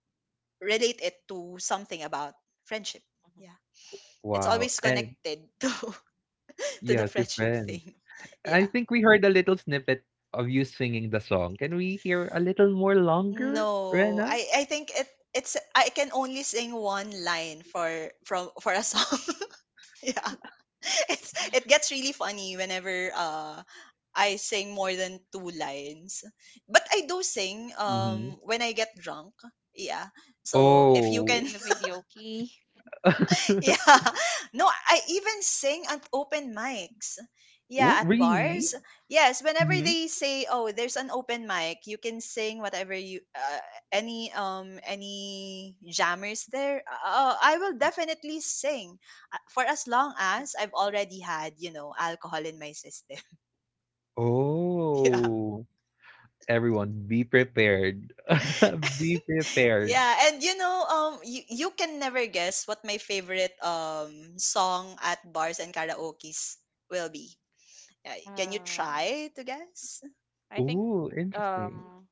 relate it to something about friendship. mhm. Yeah, it's Wow. always And connected to yeah, the to friendship friends. thing. I Yeah, think we heard a little snippet of you singing the song. Can we hear a little more longer, no, Rena? I I think it it's I can only sing one line for a song. Yeah. It's, it gets really funny whenever I sing more than two lines. But I do sing Mhm. When I get drunk. Yeah. So if you Oh, In can the video key. Yeah. No, I even sing at open mics. oh, Yeah, at bars. really? Yes, whenever Mhm. they say, "Oh, there's an open mic. You can sing whatever you any jammers there." I will definitely sing for as long as I've already had, you know, alcohol in my system. Yeah. Oh, everyone be prepared. Be prepared. Yeah, and you know, um, you can never guess what my favorite song at bars and karaoke's will be. Can you Uh, try to guess? I think. Oh, interesting. Um.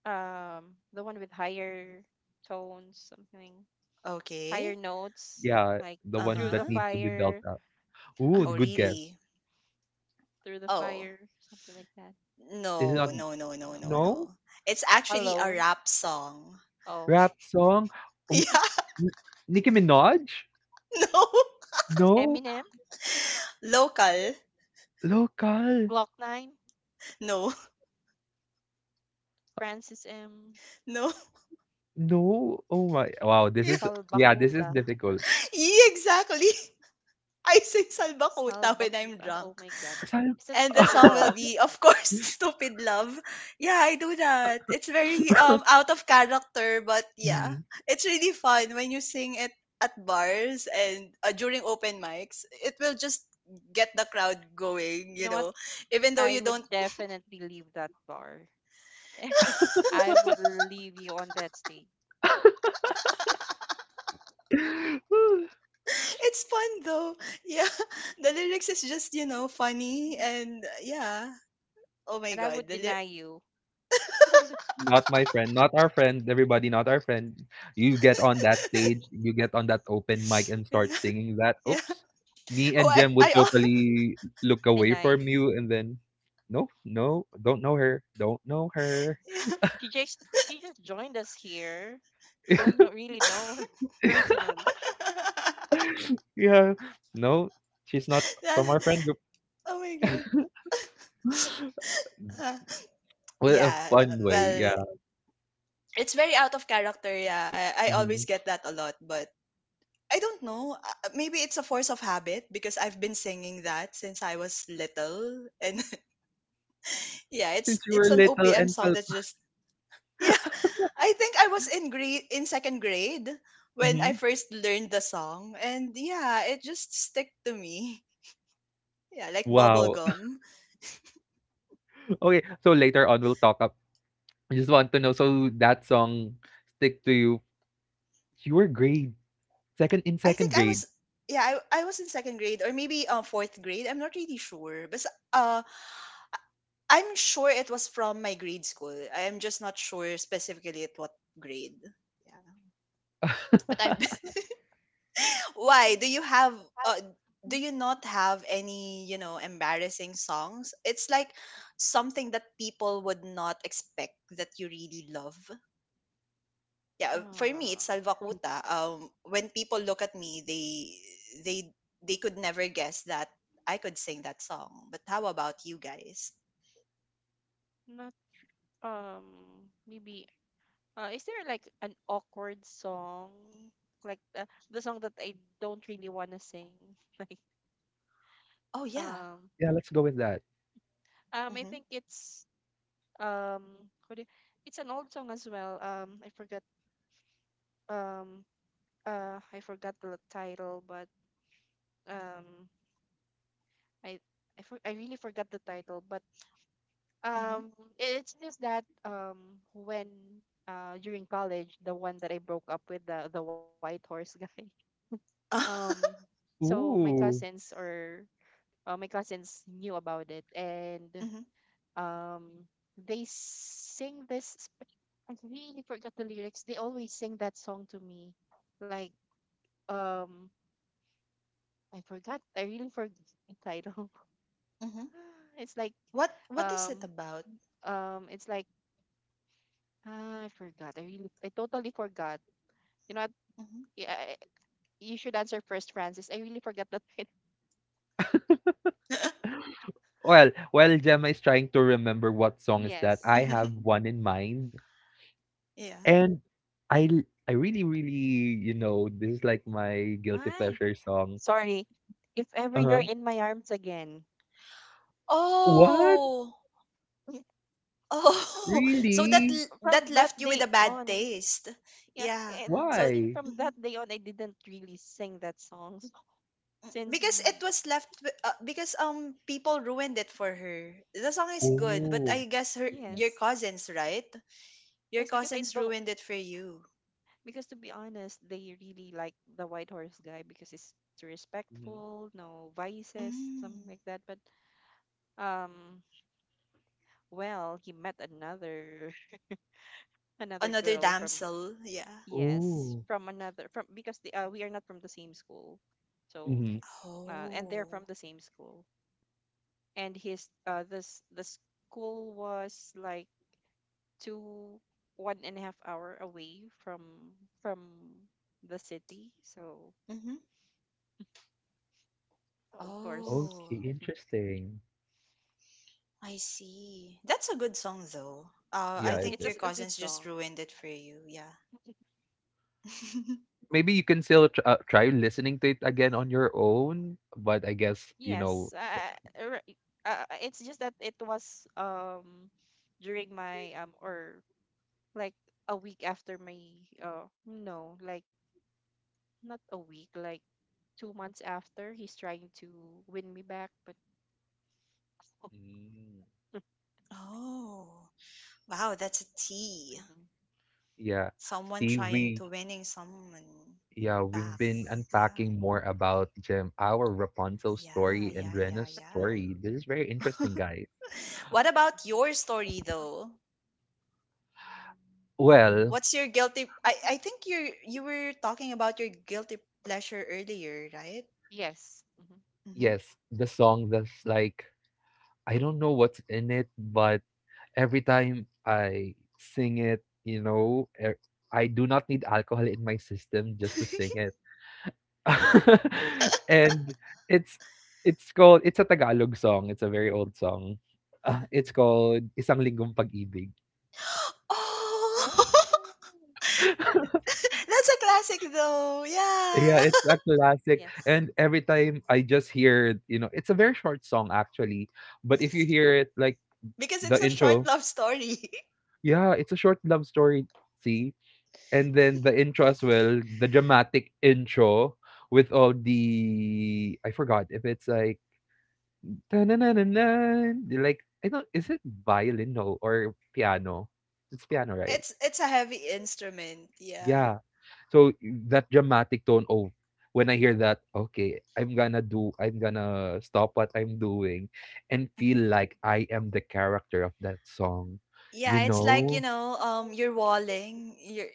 The one with higher tones, something higher Okay. notes, Yeah, like the one through the that Uh-huh. needs to be built fire, up. Ooh, Oh, good guess. really? through the Oh. fire, something like that. Is it No, not no, no, no, No. no, no? no. It's actually a Alone. rap song. Oh. Rap song? Um, Yeah, N- Nicki Minaj? no. No. Eminem, Local. Local? Glock 9, No, Francis M. no. No. Oh my. Wow, this is yeah, this Salbakuta. is difficult. Yeah, exactly. I sing Salbakuta when I'm Salbakuta. Oh drunk. my God. Sal- Is that And the Stupid song will Love? be, of course, Stupid Love. Yeah, I do that. It's very out of character, but yeah, Mhm. it's really fun when you sing it at bars and during open mics. It will just get the crowd going, You you know what? know, even though you I don't would definitely leave that bar. I would leave you on that stage. it's fun though. Yeah, the lyrics is just, you know, funny and yeah, oh my And I god, would the lyrics. deny you. Not my friend, not our friend, everybody, not our friend. You get on that stage, you get on that open mic and start singing that. Yeah. Oops. Me oh and i Jem would i al- totally look away Deny. from you and then, no, no, don't know her, don't know Don't know. her. yeah She just joined us here. We don't really know her personally. Yeah, no, she's not that, from our friend group. oh my god. What a Yeah, fun way, well, yeah. it's very out of character. Yeah, I always Mhm. get that a lot, but I don't know. Maybe it's a force of habit because I've been singing that since I was little, and yeah, Since you it's were an little OPM and song felt. that's just yeah. I think I was in second grade when I Mhm. first learned the song, and yeah, it just stick to me. Yeah, like bubble Wow. gum. Okay, so later on we'll talk up. I just want to know, so that song stick to you Your grade, second in I second think I grade. was Yeah, I was in second grade or maybe fourth grade. I'm not really sure, but uh I'm sure it was from my grade school. I am just not sure specifically at what grade. Yeah. But I've why do you have uh, do you not have any, you know, embarrassing songs? It's like something that people would not expect that you really love. Yeah, for me it's Um, Salva Kuta. Um, when people look at me, they they they could never guess that I could sing that song. But how about you guys? Not um maybe, is there, like, an awkward song? Like the song that I don't really want to sing. Like Oh yeah. um Yeah, let's go with that. I Mhm. think it's um what do you- it's an old song as well. I forgot. um I forgot the title, but um I I really forgot the title. But Mhm. um it's just that, when, during college, the one that I broke up with, the white horse guy. um so my Ooh. cousins or uh, my cousins knew about it, and um they sing this I really forgot the lyrics. They always sing that song to me, like, um I really forgot the title. mhm. It's like, What is it um about? It's like, I forgot. I totally forgot. You know what? Mhm. Yeah, you should answer first, Francis. I really forgot the title. Well, while Gemma is trying to remember what song is that, Yes. I have one in mind. yeah. And I I really, really, you know, this is like my guilty Hi. pleasure song. Sorry. If ever you're Uh-huh. in my arms again. What? Oh. Oh. So So that Really? That from that left you with day a bad on, taste. yeah, Yeah. and, I So mean, Why? from mhm. that day on I didn't really sing that song since Because it we— was left because um, people ruined it for her. The song is good, but Oh. I guess her mhm, your yes. cousins, right? Your Yes, because I cousins don't— ruined it for you. because, to be honest, they really like the White Horse guy because he's mhm. respectful, no vices, something Mm. like that. But um, well, he met another another Another girl from— damsel. Yeah. yes, Oh. from another— from— because the we are not from the same school. So, hmm and they're from Oh. the same school, and his this the school was like two, 1.5 hour away from the city, so Mhm. of course. Oh. Okay, interesting. I see. That's a good song though. I Yeah, Yes, it think it's a— your a good cousins just song. ruined it for you. Yeah. maybe you can still try listening to it again on your own but I guess you know Yes. Uh, r- it's just that it was, during my, or like, a week after my— no, like, not a week, like, 2 months, after he's trying to win me back. But— Mm. Oh, wow. That's a T. mhm. yeah Someone see trying to we winning someone yeah back. we've been Yes. Yeah. unpacking more about Gem our Rapunzel Yeah. story and Yeah. Yeah. Rena's Yeah. story this is very interesting guys What about Mm-hmm. your story though? well What's your guilty? I think you were talking about your guilty pleasure earlier, right? Yes. Hmm. Hmm. yes the song that's like I don't know what's in it but every time I sing it you know I do not need alcohol in my system just to sing it And it's it's called it's a Tagalog song, it's a very old song. Ah, it's called Isang Linggong Pag-ibig. Oh. Oh, that's a classic though. Yeah. Yeah, it's a classic, Yes. and every time I just hear, you know it's a very short song actually, but if you hear it, like, Because the it's a short intro love story. yeah, it's a short love story, see? And then the intro as well, the dramatic intro with all the I forgot if it's like Na na na na Like, I don't, is it violin? No, or piano? It's piano, right? It's a heavy instrument. Yeah. Yeah. So that dramatic tone. Oh, when I hear that, okay, I'm gonna stop what I'm doing and feel Mhm. like I am the character of that song, you Yeah, it's like, you know? know, you're walling. You're.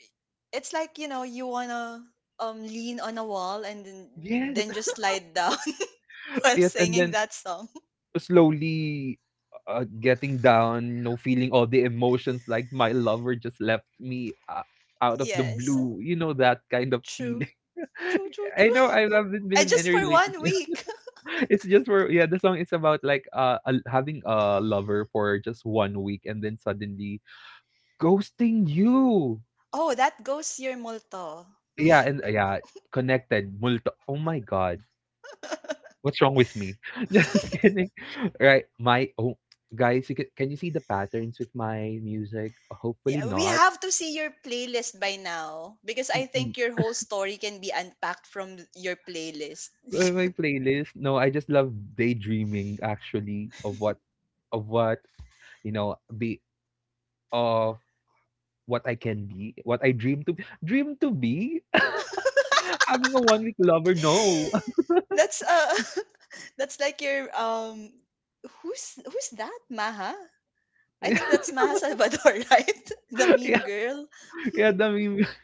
It's like, you know, you wanna lean on a wall and then Yes. Just slide down while Yes. And singing then that song. slowly getting down, you know, feeling all the emotions like my lover just left me out of the Yes. blue, you know, that kind of feeling. True. True, true, I true. know I haven't been And in any just for one relationship. week. It's just for yeah, the song is about like having a lover for just 1 week and then suddenly ghosting you. Oh, that goes your multo. Yeah, and yeah, connected. Oh my god. What's wrong with me? Just kidding. Right. My oh guys, can you see the patterns with my music? Hopefully Yeah, we not. have to see your playlist by now because I Mm-mm. think your whole story can be unpacked from your playlist. My playlist. No, I just love daydreaming actually of what, you know, be of what I can be, what I dream to be. Having a 1 week lover, no. That's that's like your who's that Maha? I think that's Maha Salvador, right? The Yeah, meme girl. yeah, the meme.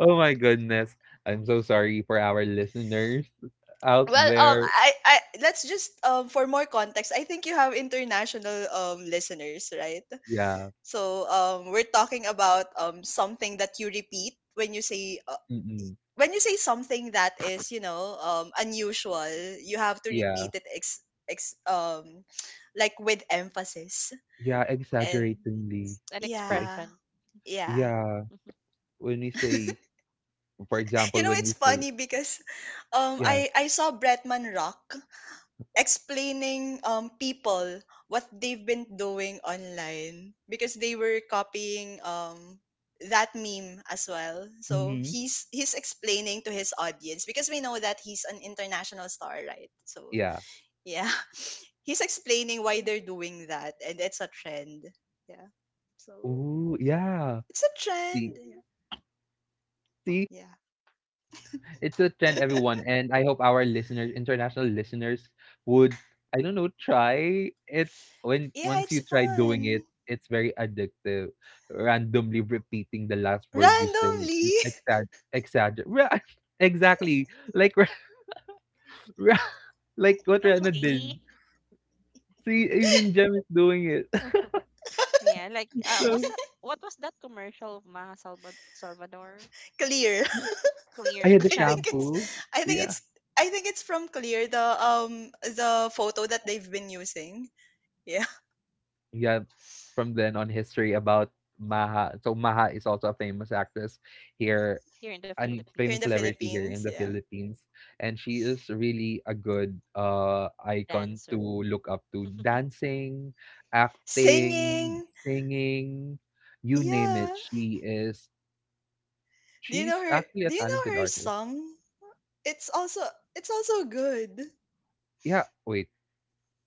Oh my goodness. I'm so sorry for our listeners out Well, there. I let's just for more context, I think you have international listeners, right? Yeah. So we're talking about something that you repeat Mm-mm. when you say something that is, you know, unusual, you have to Yeah. repeat it ex, ex like with emphasis Yeah, and exaggeratingly. It's an Yeah, yeah. expression. Yeah. yeah. Mhm. When we say, for You example, know, when it's we say, funny because yeah. I saw Bretman Rock explaining people what they've been doing online because they were copying that meme as well. So Hmm. he's explaining to his audience because we know that he's an international star, right? So Yeah. yeah, he's explaining why they're doing that and it's a trend. Yeah. So Ooh, yeah. it's a See, trend. Yeah. see, Yeah, it's a trend, everyone, and I hope our listeners, international listeners, would, I don't know, try it. When yeah, Once it's you try doing fun. it, it's very addictive. Randomly repeating the last word you say, Randomly. with Ra- exactly like Ra- Ra- like what Rana did. Randomly. See, even Jem is doing it. Yeah, like, what's So that? What was that commercial of Maha Salvador? Clear. yeah. Clear, I the had the i think shampoo. it's shampoo. i think Yeah, it's I think it's from clear the photo that they've been using. Yeah. yeah. From then on, history about Maha. So Maha is also a famous actress here, Here in the Here in famous the Philippines. celebrity here in Philippines, the yeah. Philippines, and she is really a good icon Dancer. to look up to. Dancing, acting, Singing, singing, you name it. yeah. Do you know She's her actually a do you know talented her artist. song? it's also it's also good. Yeah, wait,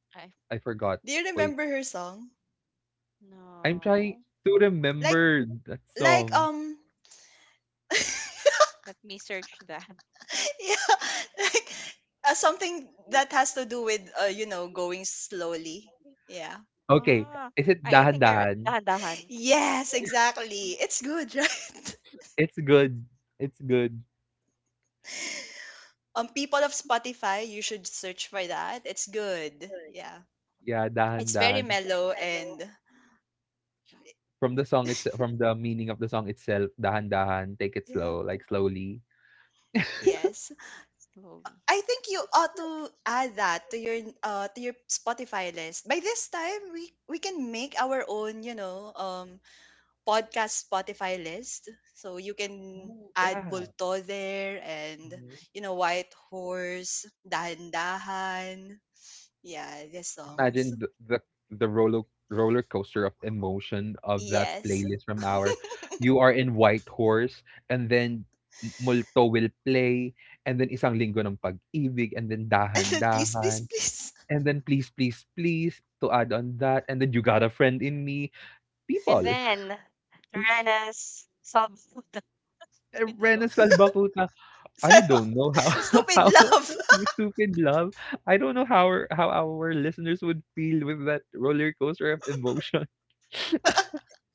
I I I forgot. Do you Wait, remember her song? I'm trying no. to Like, remember that like song. um Let me search that. yeah, like something that has to do with you know, going slowly. Yeah. Okay, Ah, is it I Dahan think I Dahan? dahan-dahan. Yes, exactly, it's good, right? It's good. It's good. Um, people of Spotify, you should search for that. It's good. Yeah. Yeah, Dahan It's very Dahan. mellow and From the song, it's from the meaning of the song itself, dahan-dahan, take it yeah. slow, like slowly. Yes. Slowly. I think you ought to add that to your Spotify list. By this time we can make our own, you know, podcast Spotify list. So you can Ooh, add yeah, Bulto there and mhm. you know, White Horse, Dahan-Dahan. Yeah, the songs. Imagine the roller coaster of emotion of that Yes. playlist from our, you are in white horse, and then M Multo will play, and then Isang Linggo ng Pag-ibig, and then And then please, please, Dahan-dahan, please. and then Please Please Please to add on that, and then You Got a Friend in Me. And People, then Rana's Salvador. eh, Stupid. Rena Salvatrucha. So I don't know how stupid how love. you stupid love. I don't know how our listeners would feel with that roller coaster of emotion.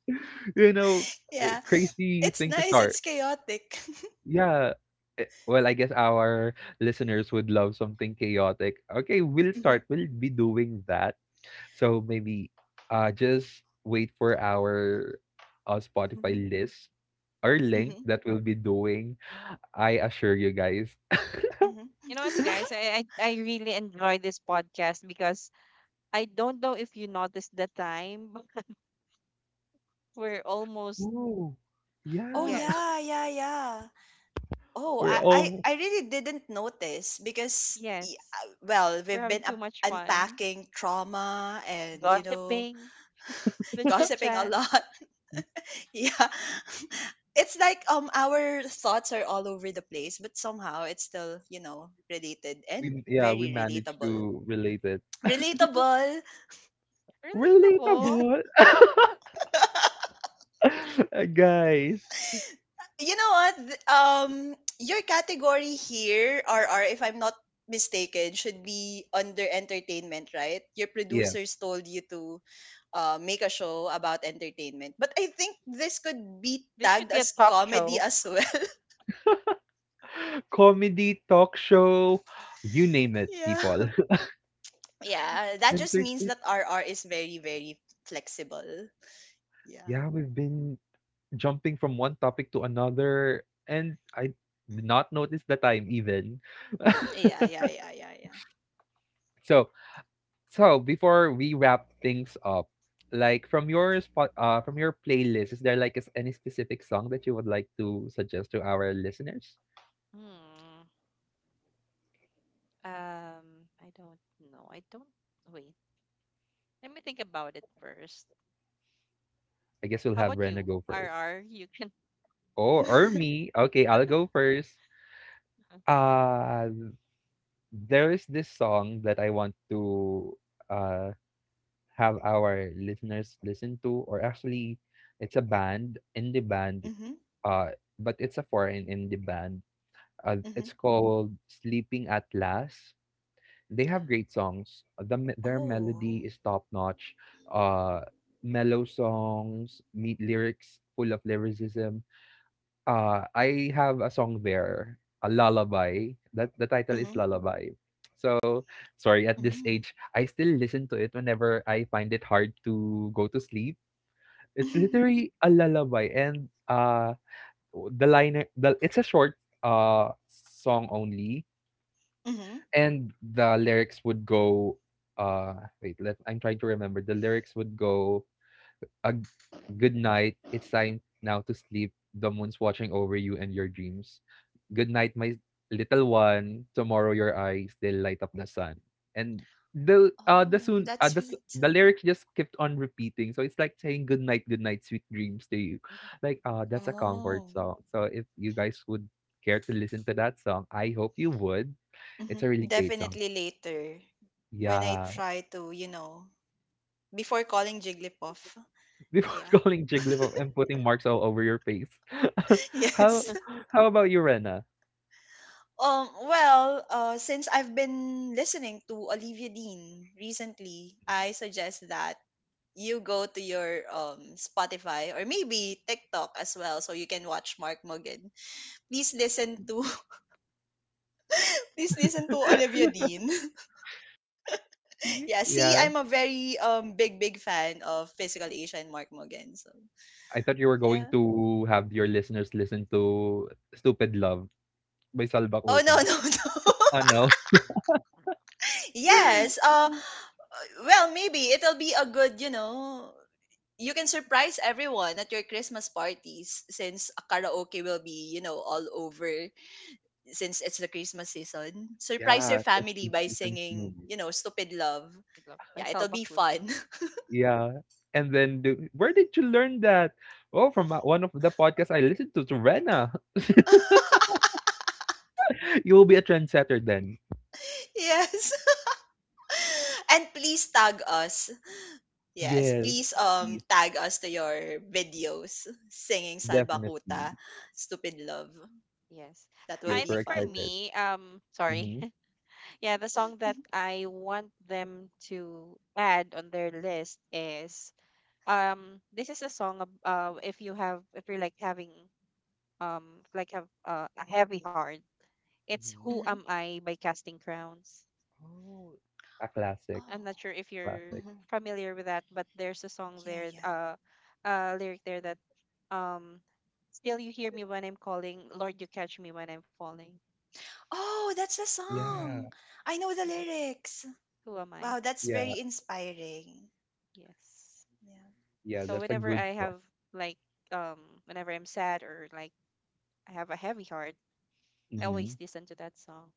You know, Yeah. crazy It's thing to nice. start. It's chaotic. Yeah. Eh, well, I guess our listeners would love something chaotic. Okay, we'll Mhm, start. We'll be doing that. So maybe just wait for our Spotify mhm, list or link mhm, that we'll be doing. I assure you guys. mhm. You know what, guys? I really enjoy this podcast because— I don't know if you noticed the time, but we're almost— Oh, Oh yeah. yeah, yes. yeah, yeah. Oh, We're I, all I I really didn't notice because Yes. Well, We're we've having been too up much fun, unpacking trauma and you know, gossiping, the chit gossiping a chats. lot. Yeah. It's like our thoughts are all over the place, but somehow it's still, you know, related and we yeah, we very managed relatable. to relate it. Relatable. Relatable. Relatable. Guys. You know what? Your category here, RR, if I'm not mistaken, should be under entertainment, right? Your producers Yes. told you to make a show about entertainment. But I think this could be This should tagged be a as talk comedy show. as well. Comedy, talk show, you name it, Yeah. people. Yeah, that just means Entertain- that RR is very, very flexible. Yeah. yeah, we've been jumping from one topic to another and I did not notice the time even. Yeah, yeah, yeah, yeah, yeah. so So before we wrap things up, like from your spot, from your playlist, is there like is any specific song that you would like to suggest to our listeners? Hmm. Um. I don't know. I don't. Wait. Let me think about it first. I guess we'll How have about Rena you, go first. RR? You can. Oh, or me. Okay, I'll go first. Uh, there is this song that I want to uh have our listeners listen to, or actually, it's a band indie band. Mm-hmm, Uh, but it's a foreign indie band. Mm-hmm. It's called Sleeping at Last. They have great songs. Their melody Oh. is top notch. Uh, Mellow songs, neat lyrics, full of lyricism. I have a song there, a lullaby. That The title is Mm-hmm, Lullaby. So sorry, at this mm-hmm. age, I still listen to it whenever I find it hard to go to sleep. It's literally a lullaby, and the it's a short uh song only, Mm-hmm. and the lyrics would go, uh wait let I'm trying to remember, the lyrics would go, a good night, it's time now to sleep, the moon's watching over you and your dreams, good night my little one, tomorrow your eyes they'll light up the sun, and the Oh, soon that's the, s- sweet. the lyrics just kept on repeating, so it's like saying good night, good night, sweet dreams to you, I like that's a comfort Oh, song. So if you guys would care to listen to that song, I hope you would. It's mhm. a really great song, Definitely later when I yeah. try to, you know, before calling Jigglypuff. Before Yeah. calling Jigglypuff and putting marks all over your face. How Yes. how about you, Rena? Well, since I've been listening to Olivia Dean recently, I suggest that you go to your Spotify or maybe TikTok as well, so you can watch Mark Mogan. Please listen to please listen to Olivia Dean. Mhm. Yeah, see, Yeah, I'm a very big big fan of Physical Asia and Mark Mogan. So I thought you were going yeah. to have your listeners listen to Stupid Love by Salva Oh no, Kuta. no, no. Oh no. Yes. Well, maybe it'll be a good, you know, you can surprise everyone at your Christmas parties since karaoke will be, you know, all over since it's the Christmas season. Surprise your Yeah, that's a family by decent singing, movie. you know, Stupid Love. love by Yeah, Sal it'll be Bakuta. fun. Yeah. And then do, where did you learn that? Oh, from one of the podcasts I listened to Rena. You will be a trendsetter then. Yes. And please tag us. Yes, Yes, please Mhm. Please, tag us to your videos singing definitely. Salbakuta, Yes. Stupid Love. Yes. That will I Yes, be think we're for fun. excited. me, sorry. Hmm. Yeah, the song that I want them to add on their list is, this is a song if you have— if you're, like, having, like, have, a heavy heart. It's Who Hmm. Am I by Casting Crowns. Oh, a classic, I'm not sure Oh. if you're classic. Hmm. familiar with that, but there's a song Yeah, there, yeah. Lyric there that, um still you hear me when I'm calling, Lord you catch me when I'm falling. Oh, that's the Mhm. song. Yeah, I know the Yes. lyrics. Who am I? Wow, that's yeah, very inspiring. Yes. Yeah. yeah, So that's a whenever good I song. have, like, um whenever I'm sad, or like, I have a heavy heart, I Hmm. always Hmm. listen to that song.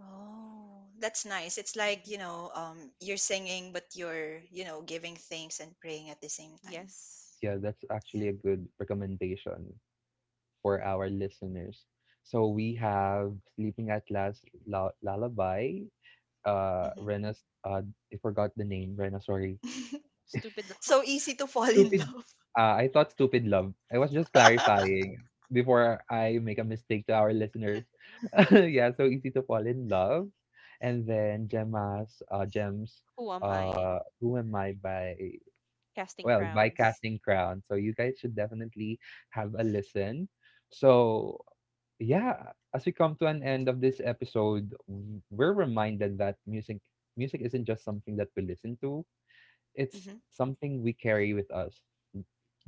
Oh, that's nice. It's like, Mhm. you know, you're singing, but you're, you know, giving thanks and praying at the same time. Yes. Yeah, that's Yeah. actually a good recommendation for our listeners. So we have Sleeping at Last La Lullaby, Mm-hmm. Rena's I forgot the name, Rena, sorry. Stupid Love. So easy to fall in Stupid, love. ah, I thought stupid love. I was just clarifying before I make a mistake to our listeners. Yeah, so easy to fall in love. And then Gemma's Gem's Who am I? Who Am I by, Casting well, by Crowns. Casting Crown. So you guys should definitely have a listen. So yeah, as we come to an end of this episode, we're reminded that music isn't just something that we listen to. It's Hmm. something we carry with us,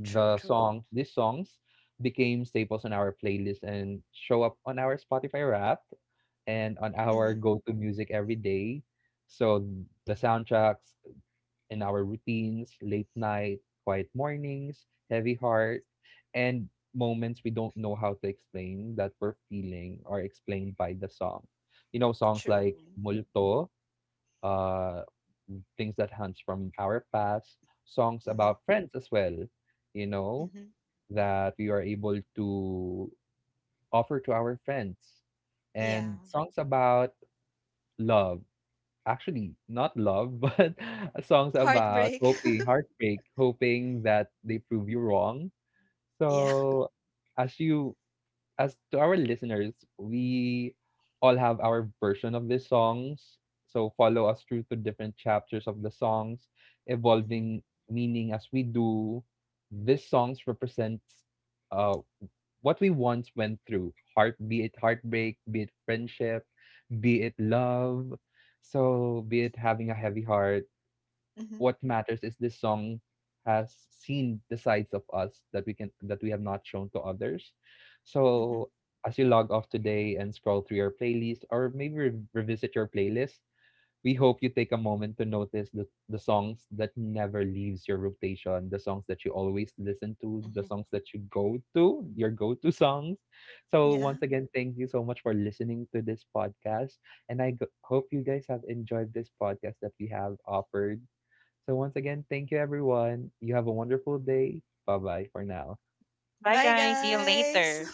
True, true. These songs became staples on our playlist and show up on our Spotify Wrapped and on our Hmm. go-to music every day. So the soundtracks in our routines, late night, quiet mornings, heavy heart, and moments we don't know how to explain that we're feeling are explained by the song. You know, songs True. like Multo, uh, things that hunts from our past, songs Hmm. about friends as well, you know, Hmm. that we are able to offer to our friends. Yeah. And songs about love, actually, not love, but songs about Heartbreak. hoping, heartbreak, hoping that they prove you wrong. Yeah. So, as you as to our listeners, we all have our version of these songs. So follow us through to different chapters of the songs, evolving meaning as we do. These songs represents uh, what we once went through. Heart, be it heartbreak, be it friendship, be it love. So be it having a heavy heart, Mhm, what matters is this song has seen the sides of us that we can that we have not shown to others. mhm, So as you log off today and scroll through your playlist or maybe revisit your playlist, we hope you take a moment to notice the songs that never leaves your rotation, the songs that you always listen to, the mhm. songs that you go to, your go-to songs. So Yeah. once again, thank you so much for listening to this podcast. And hope you guys have enjoyed this podcast that we have offered. So once again, thank you everyone. You have a wonderful day. Bye bye for now. Bye, Bye, guys, see you guys. later.